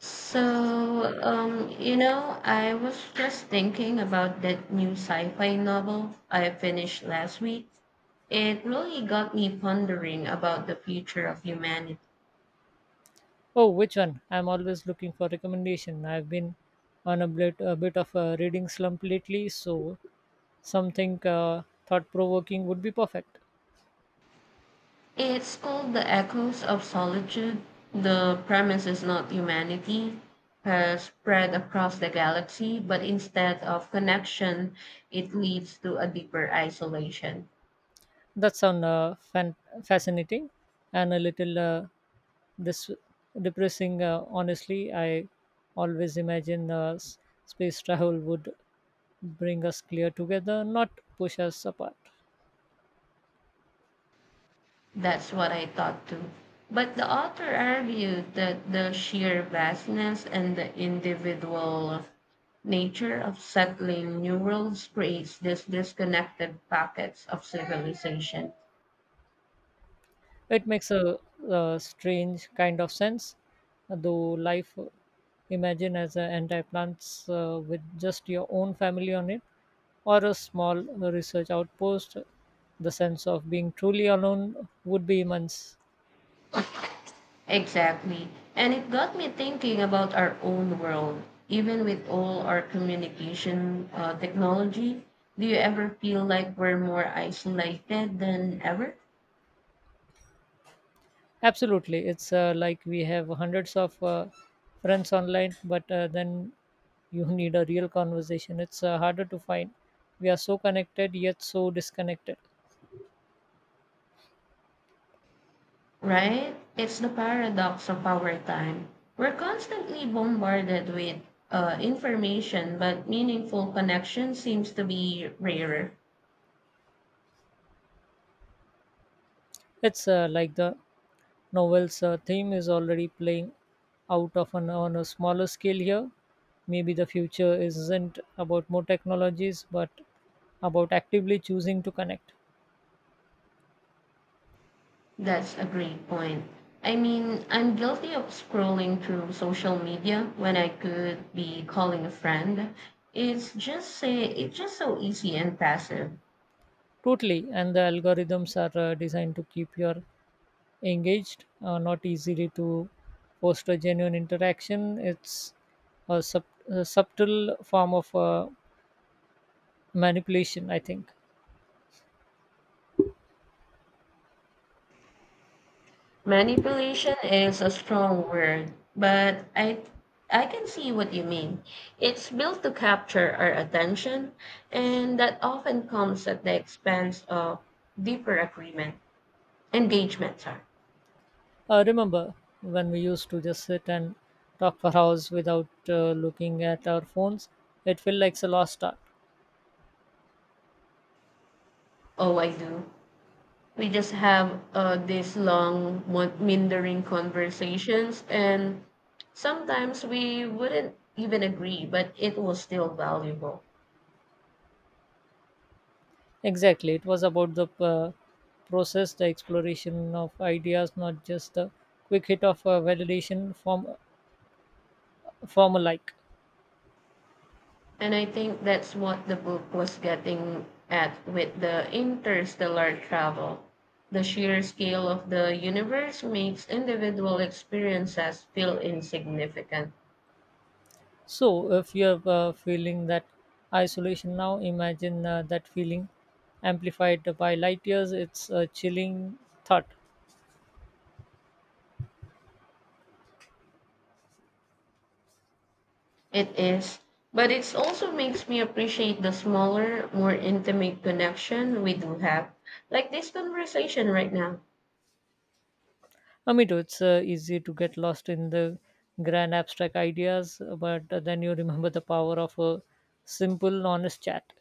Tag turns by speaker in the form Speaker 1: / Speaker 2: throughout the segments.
Speaker 1: I was just thinking about that new sci-fi novel I finished last week. It really got me pondering about the future of humanity.
Speaker 2: Oh, which one? I'm always looking for recommendation. I've been on a bit of a reading slump lately, so something thought provoking would be perfect.
Speaker 1: It's called The Echoes of Solitude. The premise is not humanity has spread across the galaxy, but instead of connection, it leads to a deeper isolation.
Speaker 2: That sounds fascinating and a little this depressing. Honestly, I always imagine space travel would bring us clear together, not push us apart.
Speaker 1: That's what I thought too. But the author argued that the sheer vastness and the individual nature of settling new worlds creates these disconnected pockets of civilization.
Speaker 2: It makes a strange kind of sense, though life imagine as an entire plants with just your own family on it or a small research outpost, the sense of being truly alone would be immense.
Speaker 1: Exactly. And it got me thinking about our own world. Even with all our communication technology, do you ever feel like we're more isolated than ever?
Speaker 2: Absolutely, it's like we have hundreds of friends online, but then you need a real conversation, it's harder to find. We are so connected yet so disconnected.
Speaker 1: Right? It's the paradox of our time. We're constantly bombarded with information, but meaningful connection seems to be rarer.
Speaker 2: It's like the novels theme is already playing on a smaller scale here. Maybe the future isn't about more technologies, but about actively choosing to connect.
Speaker 1: That's a great point. I mean, I'm guilty of scrolling through social media when I could be calling a friend. It's just say it's just so easy and passive.
Speaker 2: Totally, and the algorithms are designed to keep you engaged, not easily to foster genuine interaction. It's a subtle form of manipulation, I think.
Speaker 1: Manipulation is a strong word, but I can see what you mean. It's built to capture our attention, and that often comes at the expense of deeper agreement, engagement. Sorry.
Speaker 2: Remember when we used to just sit and talk for hours without looking at our phones? It felt like a lost art.
Speaker 1: Oh, I do. We just have these long, meandering conversations, and sometimes we wouldn't even agree, but it was still valuable.
Speaker 2: Exactly. It was about the process, the exploration of ideas, not just the quick hit of validation from a like.
Speaker 1: And I think that's what the book was getting at with the interstellar travel. The sheer scale of the universe makes individual experiences feel insignificant.
Speaker 2: So, if you're feeling that isolation now, imagine that feeling amplified by light years. It's a chilling thought.
Speaker 1: It is, but it also makes me appreciate the smaller, more intimate connection we do have, like this conversation right now.
Speaker 2: I mean, it's easy to get lost in the grand abstract ideas, but then you remember the power of a simple, honest chat.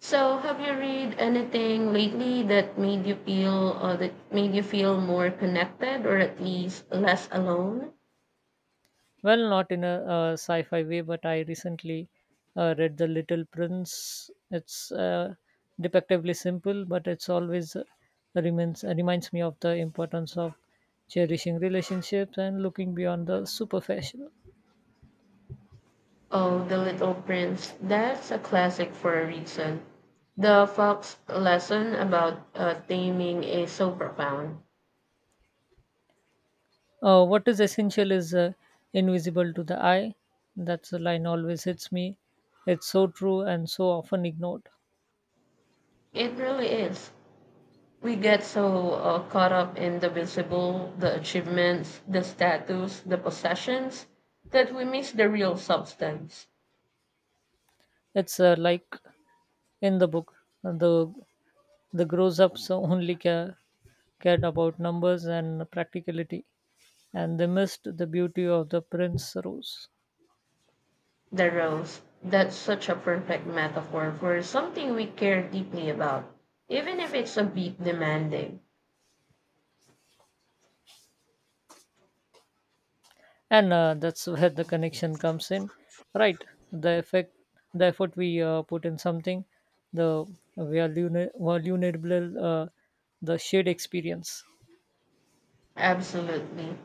Speaker 1: So, have you read anything lately that made you feel, or that made you feel more connected, or at least less alone?
Speaker 2: Well, not in a sci fi way, but I recently read The Little Prince. It's depictively simple, but it's always reminds me of the importance of cherishing relationships and looking beyond the superficial.
Speaker 1: Oh, The Little Prince. That's a classic for a reason. The Fox lesson about taming is so profound.
Speaker 2: What is essential is invisible to the eye. That's the line always hits me. It's so true and so often ignored.
Speaker 1: It really is. We get so caught up in the visible, the achievements, the status, the possessions, that we miss the real substance,
Speaker 2: It's like in the book, Uh, the the grows ups only cared about numbers and practicality, and they missed the beauty of the prince rose.
Speaker 1: the rose. That's such a perfect metaphor for something we care deeply about, even if it's a bit demanding.
Speaker 2: And that's where the connection comes in, right, the effect the effort we put in something, the vulnerable the shared experience.
Speaker 1: Absolutely.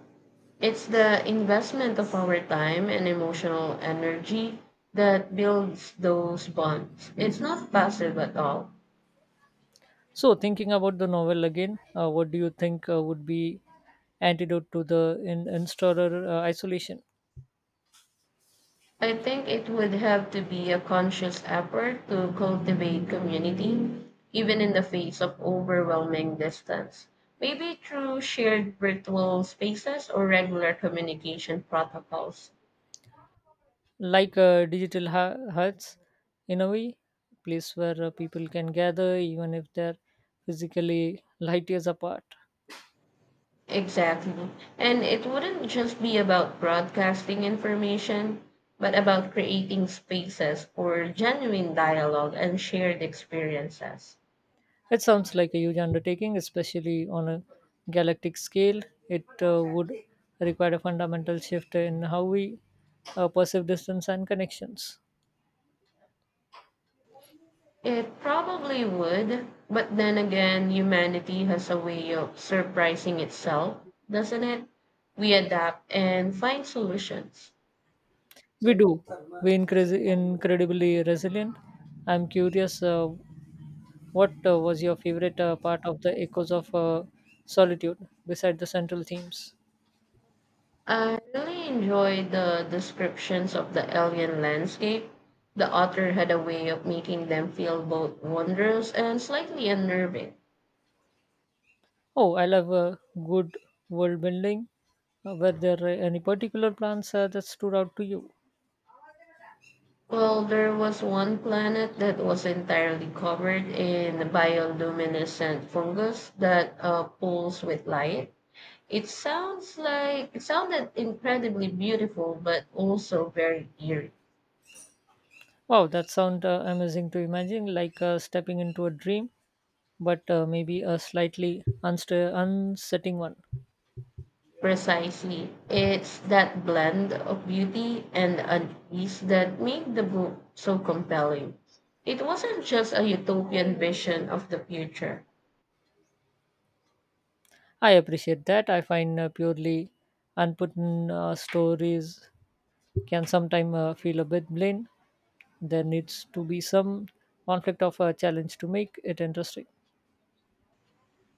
Speaker 1: It's the investment of our time and emotional energy that builds those bonds. It's not passive at all.
Speaker 2: So thinking about the novel again, what do you think would be antidote to the installer isolation?
Speaker 1: I think it would have to be a conscious effort to cultivate community, even in the face of overwhelming distance. Maybe through shared virtual spaces or regular communication protocols.
Speaker 2: Like digital huts, in a way, place where people can gather even if they're physically light years apart.
Speaker 1: Exactly. And it wouldn't just be about broadcasting information, but about creating spaces for genuine dialogue and shared experiences.
Speaker 2: It sounds like a huge undertaking, especially on a galactic scale. It would require a fundamental shift in how we perceive distance and connections.
Speaker 1: It probably would, but then again, humanity has a way of surprising itself, doesn't it? We adapt and find solutions.
Speaker 2: We do. We increase incredibly resilient. I'm curious, what was your favorite part of the Echoes of Solitude, beside the central themes?
Speaker 1: I really enjoyed the descriptions of the alien landscape. The author had a way of making them feel both wondrous and slightly unnerving.
Speaker 2: Oh, I love good world building. Were there any particular plans that stood out to you?
Speaker 1: Well, there was one planet that was entirely covered in bioluminescent fungus that pulls with light. It sounds like it sounded incredibly beautiful, but also very eerie.
Speaker 2: Wow, that sounds amazing to imagine, like stepping into a dream, but maybe a slightly unsta unsettling one.
Speaker 1: Precisely. It's that blend of beauty and unease that made the book so compelling. It wasn't just a utopian vision of the future,
Speaker 2: I appreciate that. I find purely unput stories can sometimes feel a bit bland. There needs to be some conflict of a challenge to make it interesting.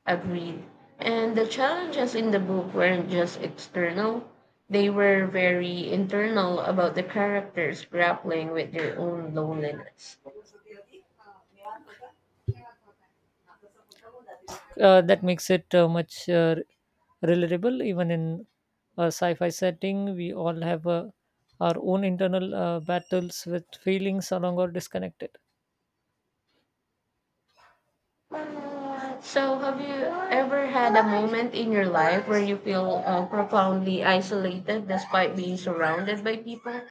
Speaker 1: agreed. And the challenges in the book weren't just external, they were very internal about the characters grappling with their own loneliness.
Speaker 2: That makes it much relatable, even in a sci-fi setting. We all have our own internal battles with feelings along or disconnected.
Speaker 1: So, have you ever had a moment in your life where you feel profoundly isolated despite being surrounded by people?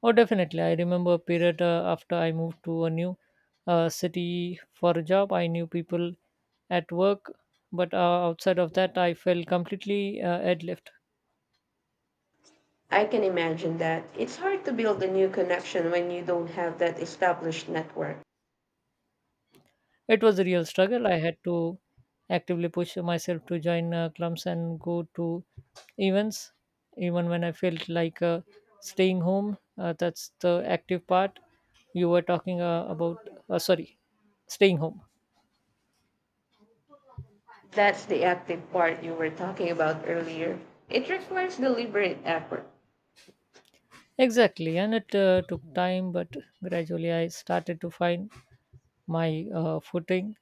Speaker 2: Oh, definitely. I remember a period after I moved to a new city for a job. I knew people at work, but outside of that, I felt completely ad.
Speaker 1: I can imagine that. It's hard to build a new connection when you don't have that established network.
Speaker 2: It was a real struggle. I had to actively push myself to join clubs and go to events, even when I felt like staying home. That's the active part you were talking about. Sorry, staying home.
Speaker 1: That's the active part you were talking about earlier. It requires deliberate effort.
Speaker 2: Exactly, and it took time, but gradually I started to find my footing.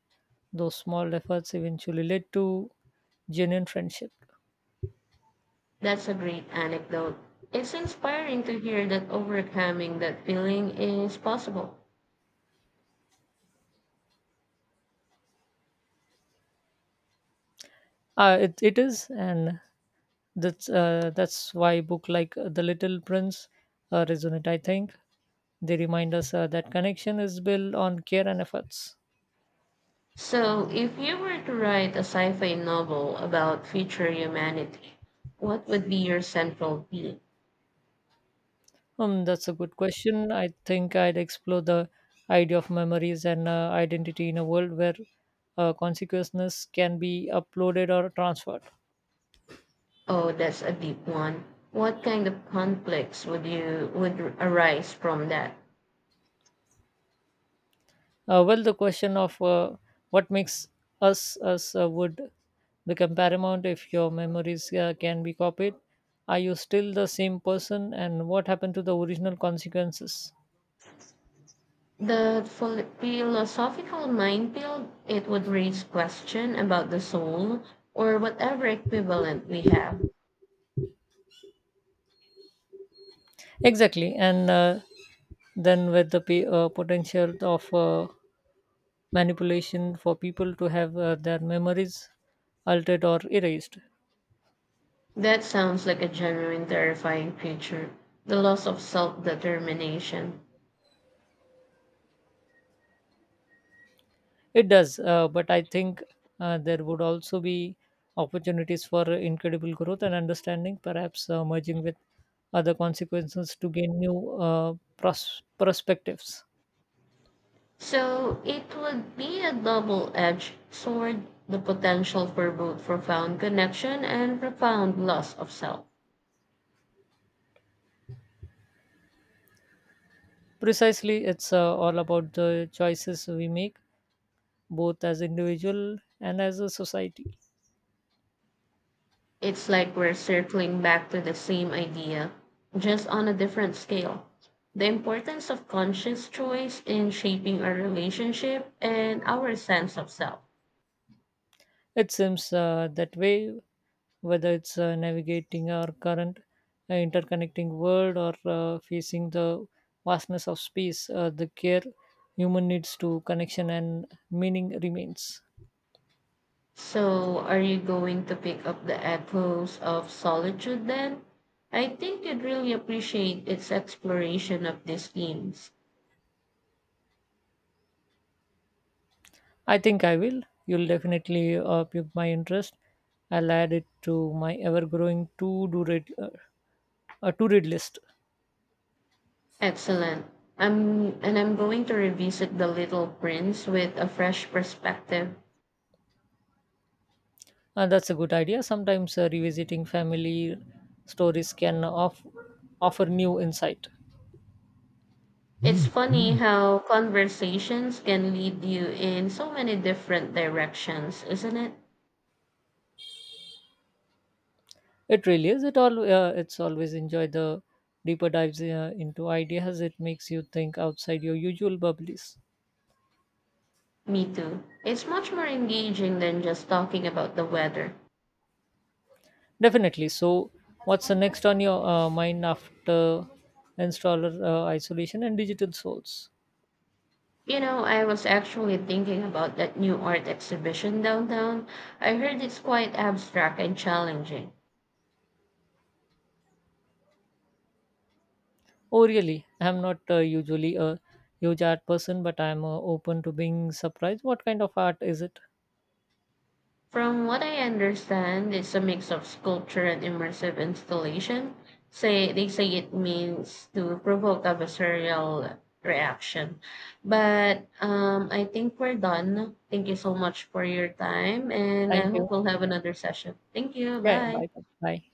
Speaker 2: Those small efforts eventually led to genuine friendship.
Speaker 1: That's a great anecdote. It's inspiring to hear that overcoming that feeling is possible.
Speaker 2: It is, and that's why book like The Little Prince resonate. I think they remind us that connection is built on care and efforts.
Speaker 1: So, if you were to write a sci fi novel about future humanity, what would be your central theme?
Speaker 2: That's a good question. I think I'd explore the idea of memories and identity in a world where consciousness can be uploaded or transferred.
Speaker 1: Oh, that's a deep one. What kind of conflicts would you would arise from that?
Speaker 2: Well, the question of what makes us would become paramount if your memories can be copied. Are you still the same person, and what happened to the original consequences?
Speaker 1: The philosophical minefield, it would raise question about the soul or whatever equivalent we have.
Speaker 2: Exactly, and then with the potential of manipulation for people to have their memories altered or erased.
Speaker 1: That sounds like a genuine terrifying creature, the loss of self-determination.
Speaker 2: It does, but I think there would also be opportunities for incredible growth and understanding, perhaps merging with other consequences to gain new perspectives.
Speaker 1: So it would be a double-edged sword, the potential for both profound connection and profound loss of self.
Speaker 2: Precisely, it's all about the choices we make, both as individual and as a society.
Speaker 1: It's like we're circling back to the same idea, just on a different scale. The importance of conscious choice in shaping our relationship and our sense of self.
Speaker 2: It seems that way, whether it's navigating our current interconnecting world or facing the vastness of space, the care human needs to connection and meaning remains.
Speaker 1: So, are you going to pick up the echoes of solitude then? I think you'd really appreciate its exploration of these themes.
Speaker 2: I think I will. You'll definitely pique my interest. I'll add it to my ever-growing to-read list.
Speaker 1: Excellent. And I'm going to revisit The Little Prince with a fresh perspective.
Speaker 2: And that's a good idea. Sometimes revisiting family stories can offer new insight.
Speaker 1: It's funny how conversations can lead you in so many different directions, isn't it?
Speaker 2: It really is. It's always enjoy the deeper dives into ideas. It makes you think outside your usual bubbles.
Speaker 1: Me too. It's much more engaging than just talking about the weather.
Speaker 2: Definitely. So, what's the next on your mind after installer isolation and digital souls?
Speaker 1: You know, I was actually thinking about that new art exhibition downtown. I heard it's quite abstract and challenging.
Speaker 2: Oh, really? I'm not usually a huge art person, but I'm open to being surprised. What kind of art is it?
Speaker 1: From what I understand, it's a mix of sculpture and immersive installation. Say they say it means to provoke a visceral reaction. But I think we're done. Thank you so much for your time, and I
Speaker 2: Thank
Speaker 1: hope
Speaker 2: you.
Speaker 1: we'll have another session. Thank you.
Speaker 2: Yeah. Yeah. Yeah.
Speaker 1: Bye.
Speaker 2: Bye. Bye. Bye.